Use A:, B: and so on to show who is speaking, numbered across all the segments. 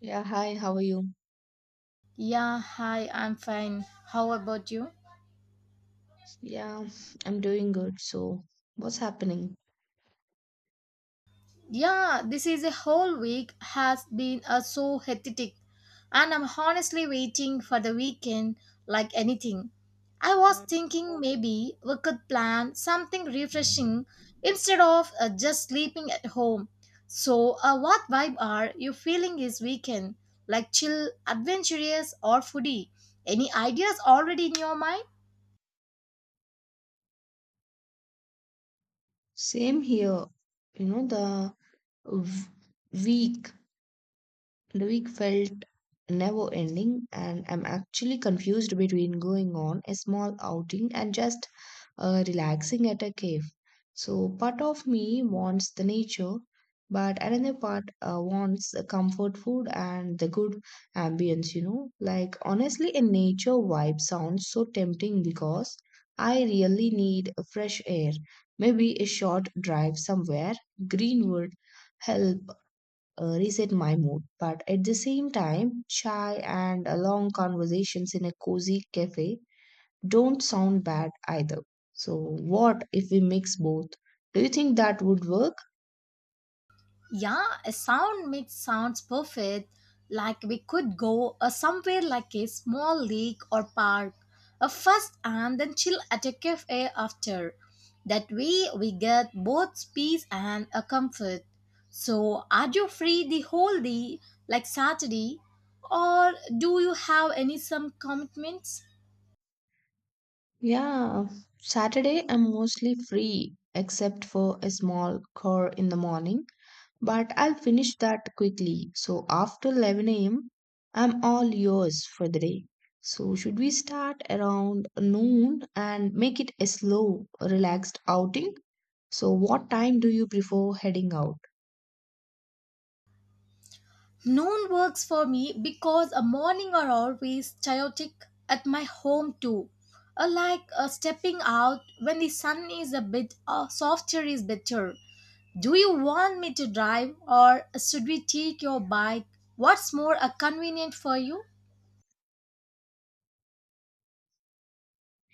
A: Yeah, hi, how are you?
B: Yeah, hi, I'm fine. How about you?
A: Yeah, I'm doing good. So, what's happening?
B: Yeah, this is a whole week has been so hectic, and I'm honestly waiting for the weekend like anything. I was thinking maybe we could plan something refreshing instead of just sleeping at home. So, what vibe are you feeling this weekend? Like chill, adventurous, or foodie? Any ideas already in your mind?
A: Same here. You know, the w- week The week felt never ending, and I'm actually confused between going on a small outing and just relaxing at a cave. So, part of me wants the nature, but another part wants the comfort food and the good ambience. Like, honestly, a nature vibe sounds so tempting because I really need fresh air. Maybe a short drive somewhere, greenwood, help reset my mood. But at the same time, chai and long conversations in a cozy cafe don't sound bad either. So, what if we mix both? Do you think that would work?
B: Yeah, a sound mix sounds perfect. Like we could go somewhere like a small lake or park first and then chill at a cafe after. That way we get both peace and a comfort. So, are you free the whole day, like Saturday, or do you have any some commitments?
A: Yeah, Saturday I'm mostly free except for a small call in the morning. But I'll finish that quickly. So after 11 a.m., I'm all yours for the day. So should we start around noon and make it a slow, relaxed outing? So what time do you prefer heading out?
B: Noon works for me because a morning are always chaotic at my home too. Like stepping out when the sun is a bit softer is better. Do you want me to drive or should we take your bike? What's more convenient for you?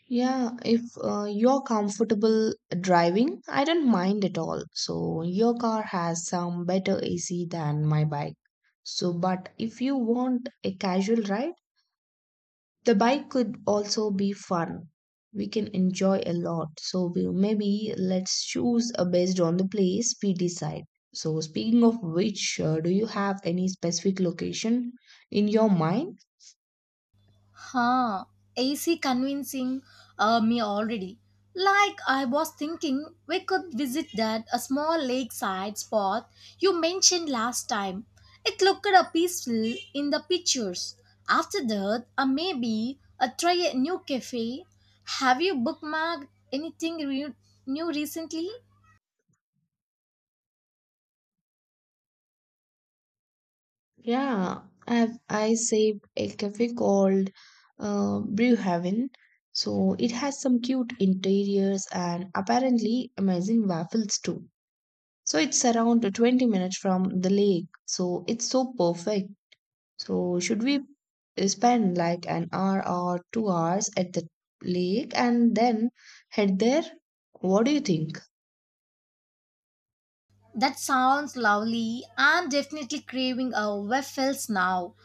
A: Yeah, if you're comfortable driving, I don't mind at all. So your car has some better AC than my bike. So, but if you want a casual ride, the bike could also be fun. We can enjoy a lot. So maybe let's choose based on the place we decide. So speaking of which, do you have any specific location in your mind?
B: Huh, AC convincing me already. Like I was thinking we could visit that a small lakeside spot you mentioned last time. It looked a peaceful in the pictures. After that, maybe try a new cafe. Have you bookmarked anything new recently?
A: Yeah, I saved a cafe called Brew Haven. So it has some cute interiors and apparently amazing waffles too. So it's around 20 minutes from the lake. So it's so perfect. So, should we spend like an hour or 2 hours at the lake and then head there? What do you think?
B: That sounds lovely. I'm definitely craving a waffles now.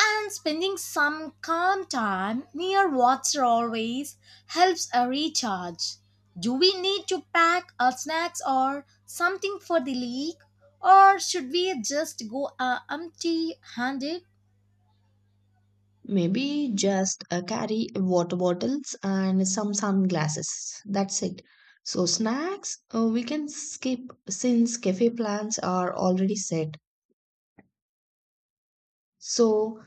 B: And spending some calm time near water always helps a recharge. Do we need to pack our snacks or something for the lake, or should we just go empty handed?
A: Maybe just carry water bottles and some sunglasses. That's it. So, snacks we can skip since cafe plans are already set. So,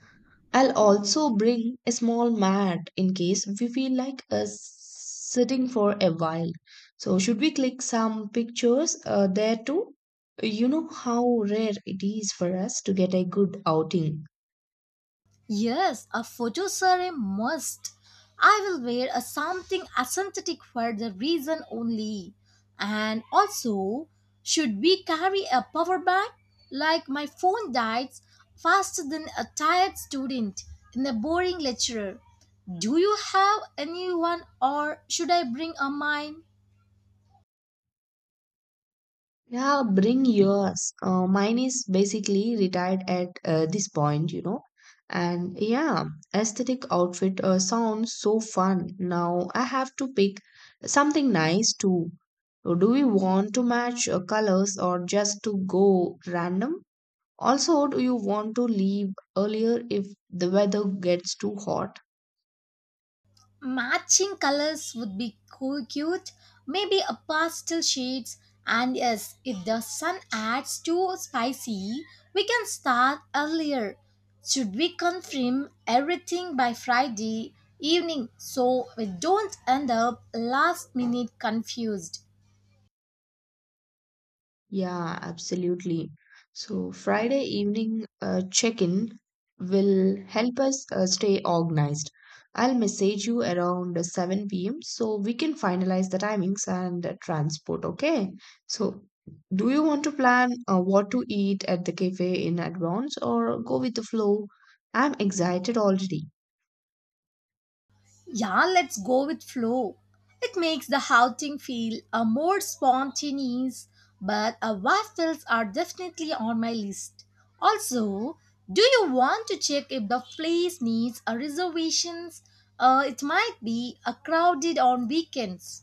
A: I'll also bring a small mat in case we feel like sitting for a while. So, should we click some pictures there too? You know how rare it is for us to get a good outing.
B: Yes, a photo survey must. I will wear a something authentic for the reason only. And also, should we carry a power bank? Like my phone dies faster than a tired student in a boring lecturer. Do you have anyone or should I bring a mine?
A: Yeah, bring yours. Mine is basically retired at this point. And yeah, aesthetic outfit sounds so fun. Now I have to pick something nice too. So do we want to match colors or just to go random? Also, do you want to leave earlier if the weather gets too hot?
B: Matching colors would be cute, maybe a pastel shades. And yes, if the sun adds too spicy, we can start earlier. Should we confirm everything by Friday evening so we don't end up last minute confused?
A: Yeah, absolutely. So, Friday evening check-in will help us stay organized. I'll message you around 7 p.m. so we can finalize the timings and transport, okay? So, do you want to plan what to eat at the cafe in advance or go with the flow? I'm excited already.
B: Yeah, let's go with flow. It makes the outing feel a more spontaneous, but waffles are definitely on my list. Also, do you want to check if the place needs a reservations? It might be a crowded on weekends.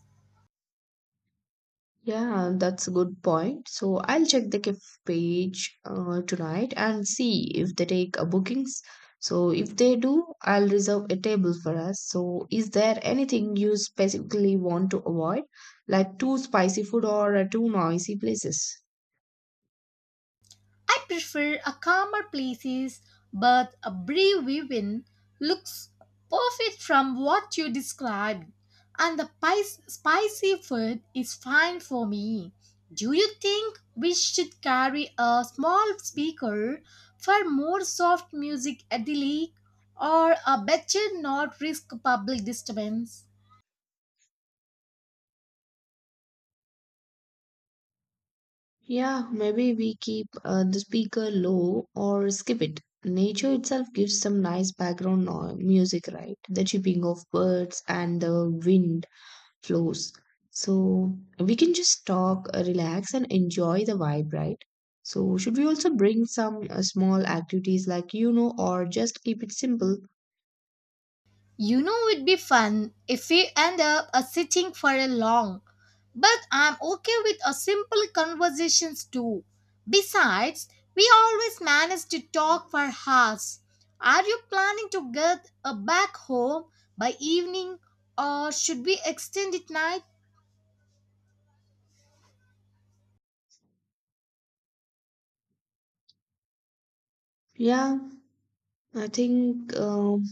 A: Yeah, that's a good point. So I'll check the gift page tonight and see if they take bookings. So if they do, I'll reserve a table for us. So is there anything you specifically want to avoid, like too spicy food or too noisy places?
B: I prefer a calmer places, but a brave women looks perfect from what you described, and the spicy food is fine for me. Do you think we should carry a small speaker for more soft music at the lake, or a better not risk public disturbance?
A: Yeah, maybe we keep the speaker low or skip it. Nature itself gives some nice background music, right? The chirping of birds and the wind flows. So we can just talk, relax, and enjoy the vibe, right? So, should we also bring some small activities like you know, or just keep it simple?
B: You know, it'd be fun if we end up sitting for a long, but I'm okay with a simple conversations too. Besides, we always manage to talk for hours. Are you planning to get back home by evening or should we extend it night?
A: Yeah, I think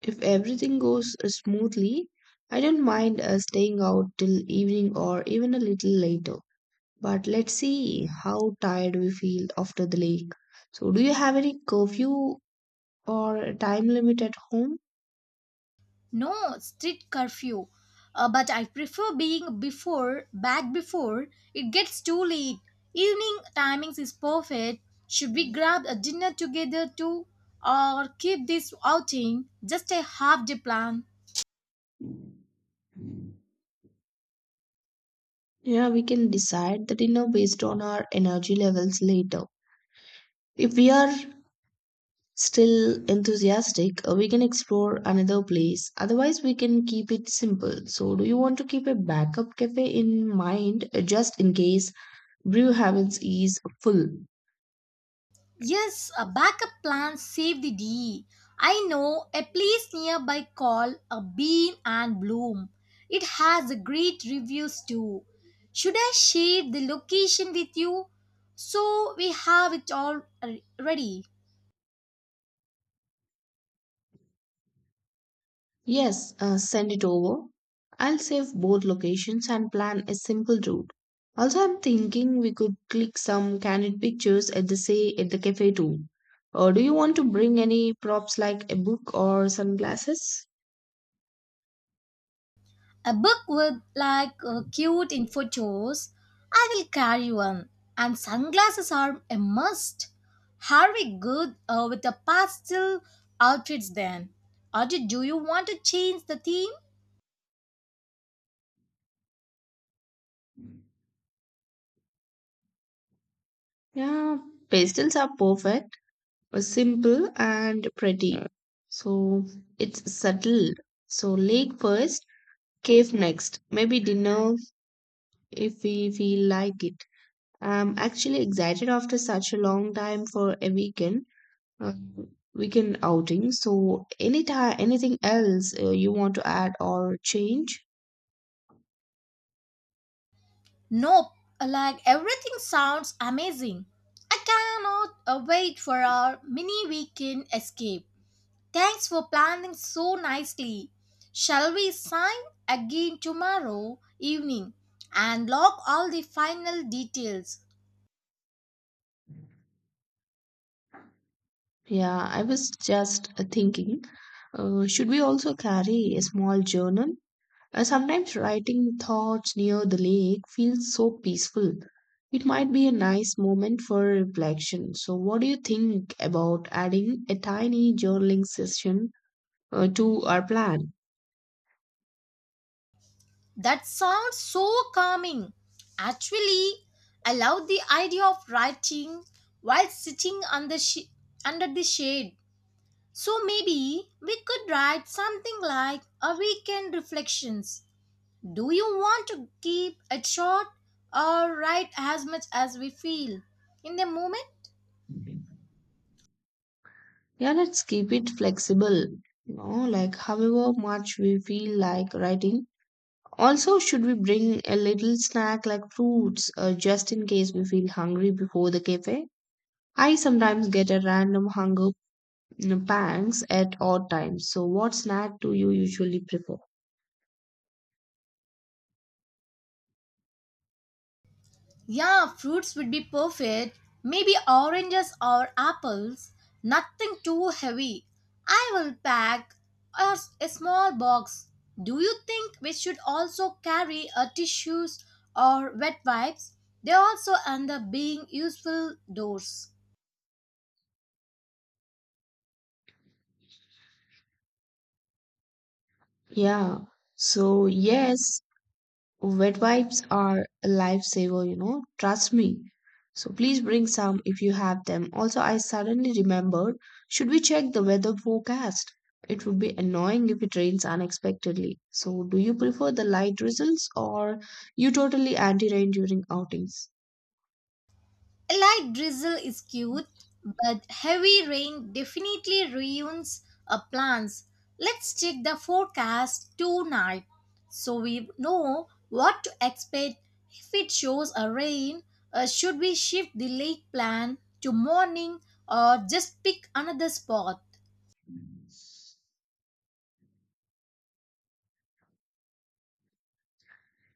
A: if everything goes smoothly, I don't mind staying out till evening or even a little later. But let's see how tired we feel after the lake. So, do you have any curfew or a time limit at home?
B: No strict curfew, but I prefer being before back before it gets too late. Evening timings is perfect. Should we grab a dinner together too, or keep this outing just a half day plan?
A: Yeah, we can decide the dinner based on our energy levels later. If we are still enthusiastic, we can explore another place. Otherwise, we can keep it simple. So, do you want to keep a backup cafe in mind just in case brew heavens is full?
B: Yes, a backup plan save the day. I know a place nearby called a Bean and Bloom. It has a great reviews too. Should I share the location with you? So we have it all ready.
A: Yes, send it over. I'll save both locations and plan a simple route. Also, I'm thinking we could click some candid pictures at the cafe too. Or do you want to bring any props like a book or sunglasses?
B: A book with like cute in photos. I will carry one. And sunglasses are a must. Are we good with the pastel outfits then? Or do you want to change the theme?
A: Yeah, pastels are perfect, simple and pretty. So it's subtle. So lake first, cave next. Maybe dinner if we feel like it. I'm actually excited after such a long time for a uh, weekend outing. So, any time, anything else you want to add or change?
B: Nope, like everything sounds amazing. I cannot wait for our mini weekend escape. Thanks for planning so nicely. Shall we sign again tomorrow evening and lock all the final details?
A: Yeah, I was just thinking, should we also carry a small journal? Sometimes writing thoughts near the lake feels so peaceful. It might be a nice moment for reflection. So, what do you think about adding a tiny journaling session to our plan?
B: That sounds so calming. Actually, I love the idea of writing while sitting on the under the shade. So maybe we could write something like a weekend reflections. Do you want to keep it short or write as much as we feel in the moment?
A: Yeah, let's keep it flexible. You know, like however much we feel like writing. Also, should we bring a little snack like fruits just in case we feel hungry before the cafe? I sometimes get a random hunger you know, pangs at odd times. So, what snack do you usually prefer?
B: Yeah, fruits would be perfect. Maybe oranges or apples. Nothing too heavy. I will pack a small box. Do you think we should also carry a tissues or wet wipes? They also end up being useful doors.
A: Yeah. So, yes, wet wipes are a lifesaver, you know, trust me. So please bring some if you have them. Also, I suddenly remembered, should we check the weather forecast? It would be annoying if it rains unexpectedly. So, do you prefer the light drizzles or you totally anti-rain during outings?
B: A light drizzle is cute, but heavy rain definitely ruins our plans. Let's check the forecast tonight so we know what to expect. If it shows a rain, should we shift the lake plan to morning or just pick another spot?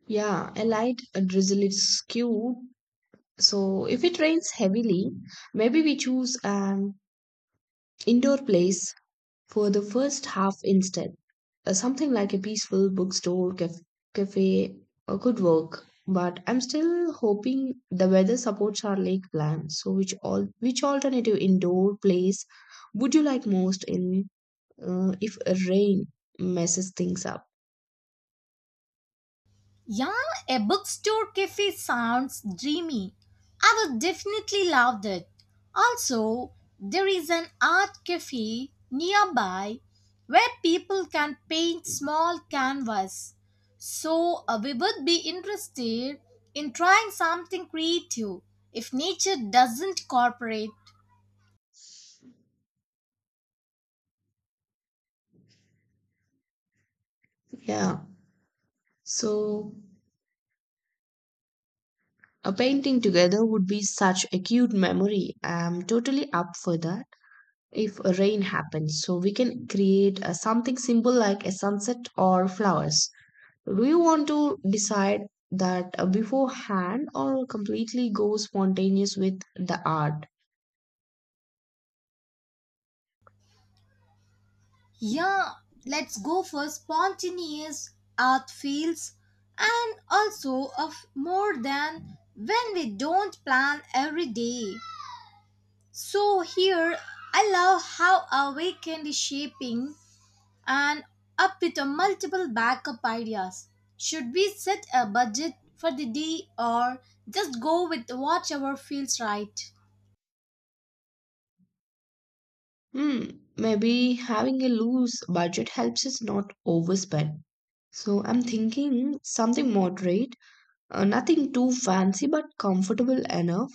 A: Yeah, a light a drizzle is cute. So if it rains heavily, maybe we choose an indoor place for the first half instead, something like a peaceful bookstore cafe could work. But I'm still hoping the weather supports our lake plan. So which alternative indoor place would you like most in if a rain messes things up?
B: Yeah, a bookstore cafe sounds dreamy. I would definitely love that. Also, there is an art cafe nearby where people can paint small canvas. So, we would be interested in trying something creative if nature doesn't cooperate.
A: Yeah. So a painting together would be such a cute memory. I'm totally up for that if a rain happens. So we can create something simple like a sunset or flowers. Do you want to decide that beforehand or completely go spontaneous with the art?
B: Yeah, let's go for spontaneous art fields and also of more than when we don't plan every day. So here I love how our weekend is shaping and up with a multiple backup ideas. Should we set a budget for the day or just go with whatever feels right?
A: Hmm, maybe having a loose budget helps us not overspend. So I'm thinking something moderate, nothing too fancy but comfortable enough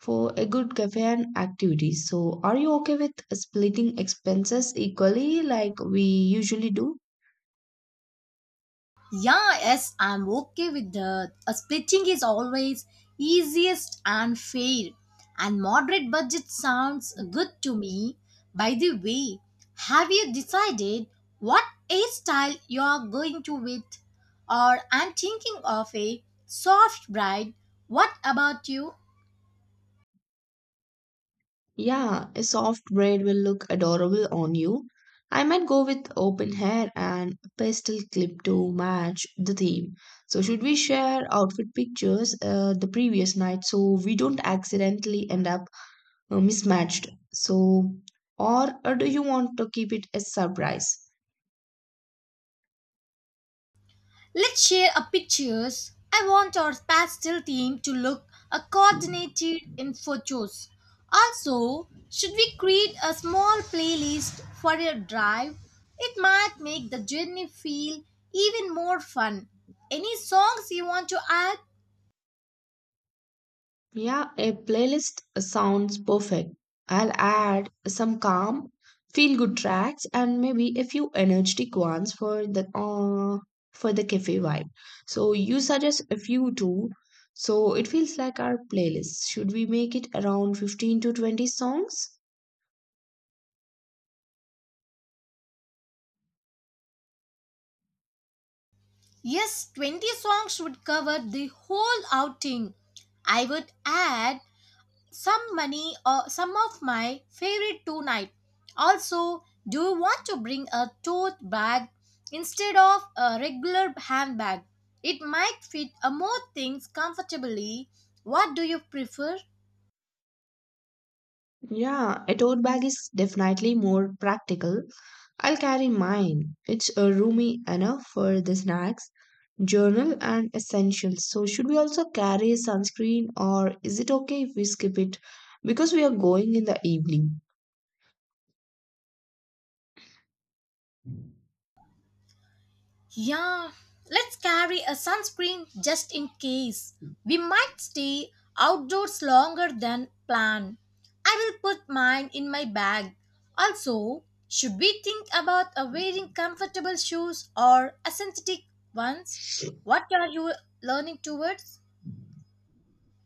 A: for a good cafe and activity. So are you okay with splitting expenses equally like we usually do?
B: Yeah, yes, I'm okay with that. A splitting is always easiest and fair, and moderate budget sounds good to me. By the way, have you decided what hairstyle you are going to with? Or I'm thinking of a soft bride. What about you?
A: Yeah, a soft braid will look adorable on you. I might go with open hair and a pastel clip to match the theme. So, should we share outfit pictures the previous night so we don't accidentally end up mismatched? So, or do you want to keep it a surprise?
B: Let's share a pictures. I want our pastel theme to look a coordinated in photos. Also, should we create a small playlist for your drive? It might make the journey feel even more fun. Any songs you want to add?
A: Yeah, a playlist sounds perfect. I'll add some calm, feel good tracks and maybe a few energetic ones for the cafe vibe. So you suggest a few too. So it feels like our playlist. Should we make it around 15 to 20 songs?
B: Yes, 20 songs would cover the whole outing. I would add some money or some of my favorite tonight. Also, do you want to bring a tote bag instead of a regular handbag? It might fit a more things comfortably. What do you prefer?
A: Yeah, a tote bag is definitely more practical. I'll carry mine. It's roomy enough for the snacks, journal, and essentials. So, should we also carry sunscreen or is it okay if we skip it because we are going in the evening?
B: Yeah, let's carry a sunscreen just in case. We might stay outdoors longer than planned. I will put mine in my bag. Also, should we think about wearing comfortable shoes or a synthetic ones? What are you learning towards?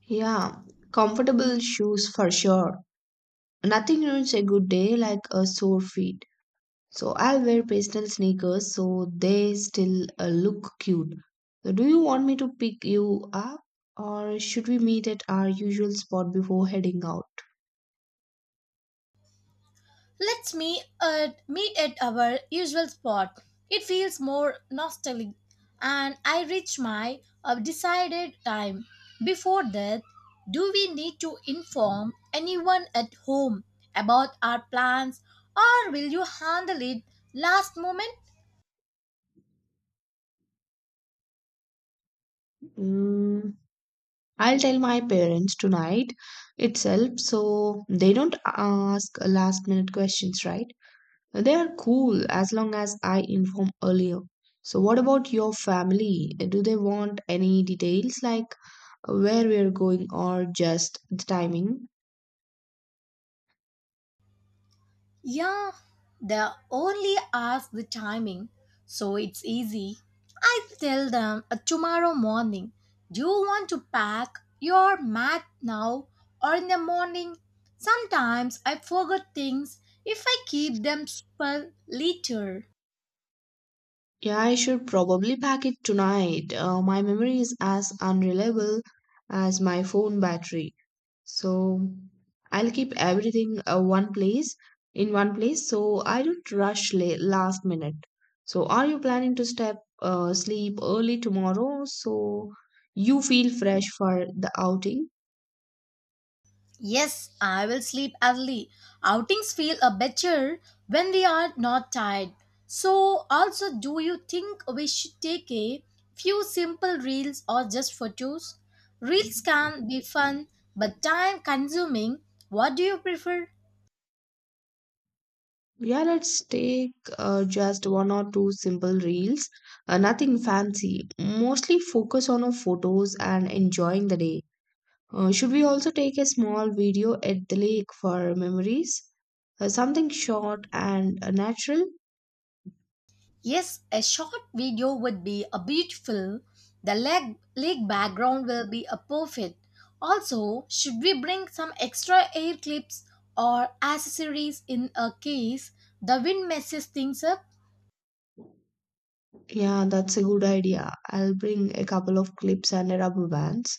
A: Yeah, comfortable shoes for sure. Nothing ruins a good day like a sore feet. So I'll wear pastel sneakers so they still look cute. So do you want me to pick you up or should we meet at our usual spot before heading out?
B: Let's meet at our usual spot. It feels more nostalgic, and I reach my decided time. Before that, do we need to inform anyone at home about our plans, or will you handle it last moment?
A: Mm, I'll tell my parents tonight itself so they don't ask last minute questions, right? They are cool as long as I inform earlier. So what about your family? Do they want any details like where we are going or just the timing?
B: Yeah, they only ask the timing, so it's easy. I tell them tomorrow morning, do you want to pack your mat now or in the morning? Sometimes I forget things if I keep them for later.
A: Yeah, I should probably pack it tonight. My memory is as unreliable as my phone battery. So I'll keep everything one place in one place so I don't rush last minute. So are you planning to step sleep early tomorrow so you feel fresh for the outing?
B: Yes, I will sleep early. Outings feel a better when we are not tired. So, also, do you think we should take a few simple reels or just photos? Reels can be fun but time consuming. What do you prefer?
A: Yeah, let's take just one or two simple reels. Nothing fancy. Mostly focus on our photos and enjoying the day. Should we also take a small video at the lake for memories? Something short and natural?
B: Yes, a short video would be a beautiful. The lake background will be a perfect. Also, should we bring some extra air clips or accessories in a case the wind messes things up?
A: Yeah, that's a good idea. I'll bring a couple of clips and a rubber bands.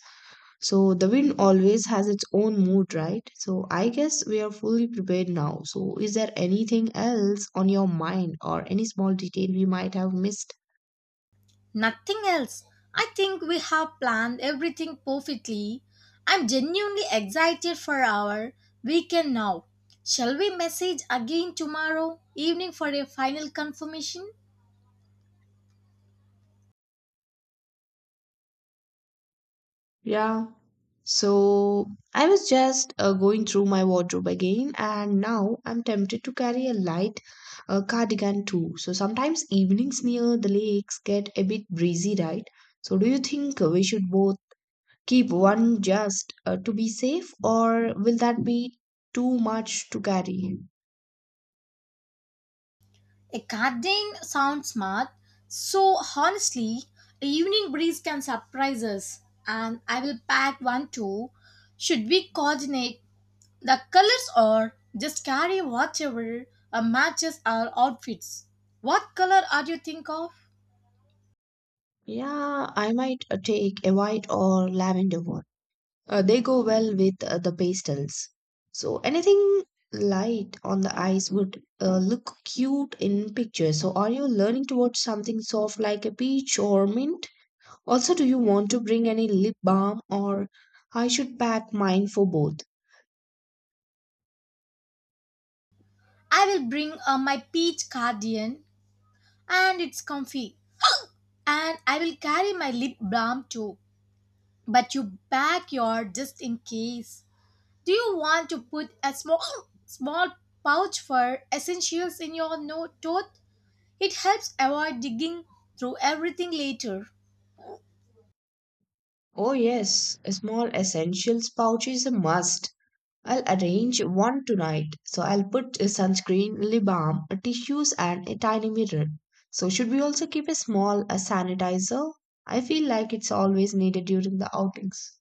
A: So the wind always has its own mood, right? So I guess we are fully prepared now. So is there anything else on your mind or any small detail we might have missed?
B: Nothing else. I think we have planned everything perfectly. I'm genuinely excited for our weekend now. Shall we message again tomorrow evening for a final confirmation?
A: Yeah. So I was just going through my wardrobe again, and now I'm tempted to carry a light cardigan too. So sometimes evenings near the lakes get a bit breezy, right? So do you think we should both keep one just to be safe, or will that be too much to carry?
B: A garden sounds smart. So honestly, a evening breeze can surprise us, and I will pack one too. Should we coordinate the colors or just carry whatever matches our outfits? What color are you think of?
A: Yeah, I might take a white or lavender one. They go well with the pastels. So anything light on the eyes would look cute in pictures. So are you leaning towards something soft like a peach or mint? Also, do you want to bring any lip balm or I should pack mine for both?
B: I will bring my peach cardigan, and it's comfy. And I will carry my lip balm too. But you pack your just in case. Do you want to put a small small pouch for essentials in your tote? It helps avoid digging through everything later.
A: Oh yes, a small essentials pouch is a must. I'll arrange one tonight. So I'll put a sunscreen, lip balm, tissues, and a tiny mirror. So should we also keep a small a sanitizer? I feel like it's always needed during the outings.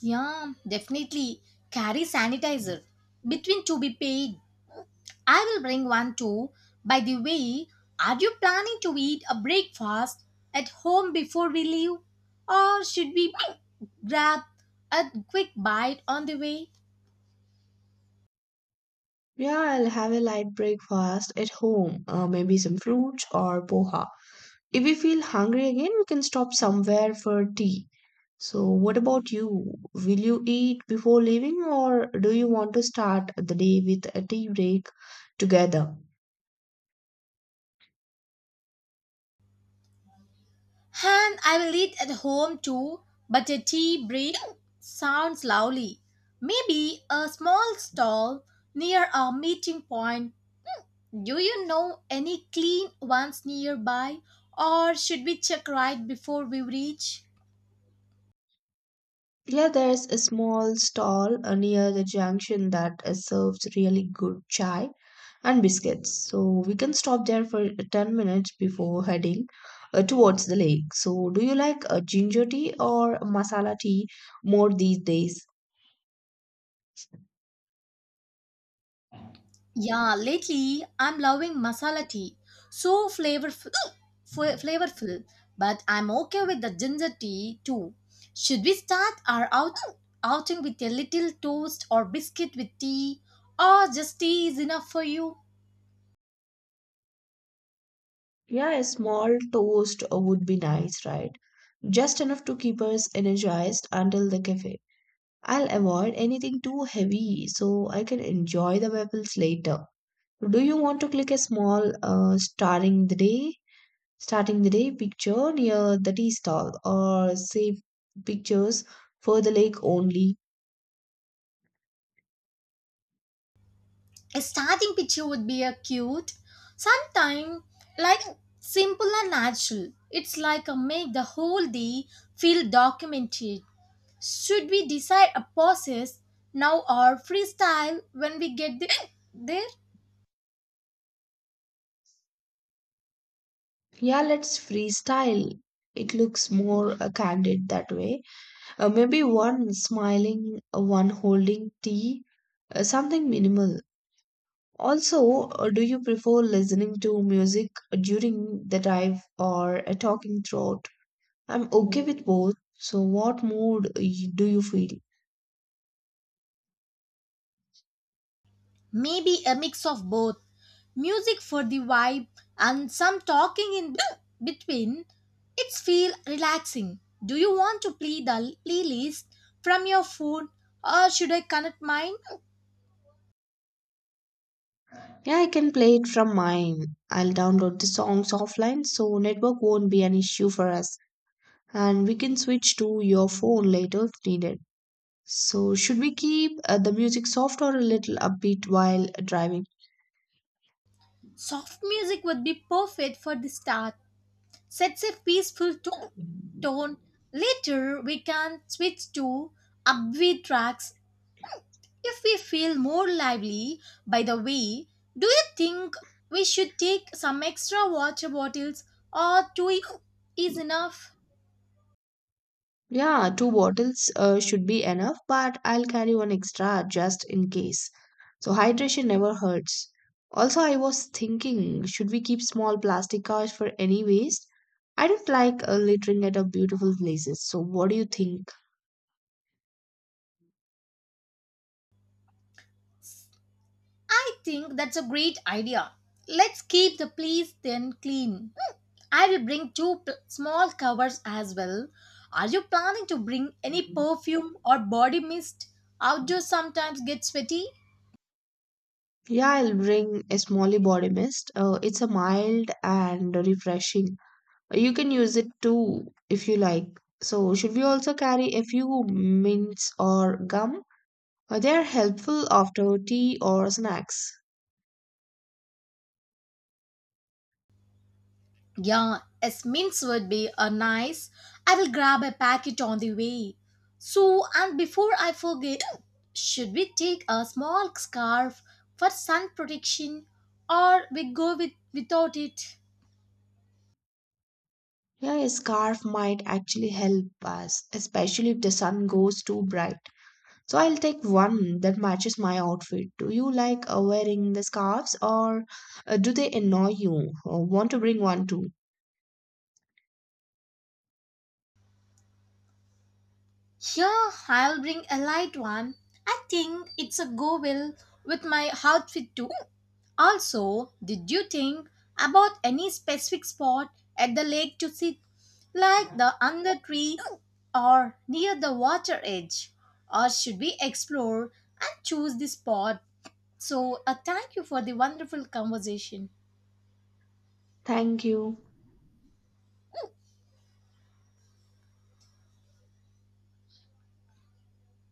B: Yeah, definitely. Carry sanitizer. Between to be paid. I will bring one too. By the way, are you planning to eat a breakfast at home before we leave? Or should we grab a quick bite on the way?
A: Yeah, I'll have a light breakfast at home, maybe some fruits or poha. If we feel hungry again, we can stop somewhere for tea. So, what about you? Will you eat before leaving, or do you want to start the day with a tea break together?
B: And I will eat at home too, but a tea break sounds lovely. Maybe a small stall near a meeting point. Do you know any clean ones nearby, or should we check right before we reach?
A: Yeah, there's a small stall near the junction that serves really good chai and biscuits. So we can stop there for 10 minutes before heading towards the lake. So, do you like ginger tea or masala tea more these days?
B: Yeah, lately I'm loving masala tea. So flavorful, flavorful. But I'm okay with the ginger tea too. Should we start our outing with a little toast or biscuit with tea, or just tea is enough for you?
A: Yeah, a small toast would be nice, right? Just enough to keep us energized until the cafe. I'll avoid anything too heavy so I can enjoy the bubbles later. Do you want to click a small starting the day picture near the tea stall or save pictures for the lake only?
B: A starting picture would be a cute, sometime like simple and natural. It's like a make the whole day feel documented. Should we decide a process now or freestyle when we there?
A: Yeah, let's freestyle. It looks more candid that way. Maybe one smiling, one holding tea, something minimal. Also, do you prefer listening to music during the drive or talking throughout? I'm okay with both. So, what mood do you feel?
B: Maybe a mix of both. Music for the vibe and some talking in between. It's feel relaxing. Do you want to play the playlist from your phone or should I connect mine?
A: Yeah, I can play it from mine. I'll download the songs offline so network won't be an issue for us. And we can switch to your phone later if needed. So, should we keep the music soft or a little upbeat while driving?
B: Soft music would be perfect for the start. Sets a peaceful tone. Later we can switch to upbeat tracks if we feel more lively, by the way, do you think we should take some extra water bottles or two is enough?
A: Yeah, two bottles should be enough, but I'll carry one extra just in case. So hydration never hurts. Also, I was thinking, should we keep small plastic cars for any waste? I don't like littering at our beautiful places. So what do you think?
B: I think that's a great idea. Let's keep the place then clean. Hmm, I will bring two small covers as well. Are you planning to bring any perfume or body mist? Outdoors sometimes get sweaty.
A: Yeah, I'll bring a small body mist. It's a mild and refreshing. You can use it too if you like. So should we also carry a few mints or gum? They are helpful after tea or snacks.
B: Yeah, mints would be a nice. I will grab a packet on the way. So, and before I forget, should we take a small scarf for sun protection or we go with without it?
A: Yeah, a scarf might actually help us, especially if the sun goes too bright. So I'll take one that matches my outfit. Do you like wearing the scarves or do they annoy you? Or want to bring one too?
B: Yeah, I'll bring a light one. I think it's a go well with my outfit too. Also, did you think about any specific spot at the lake to sit, like the under tree or near the water edge? Or should we explore and choose the spot? So, thank you for the wonderful conversation.
A: Thank you.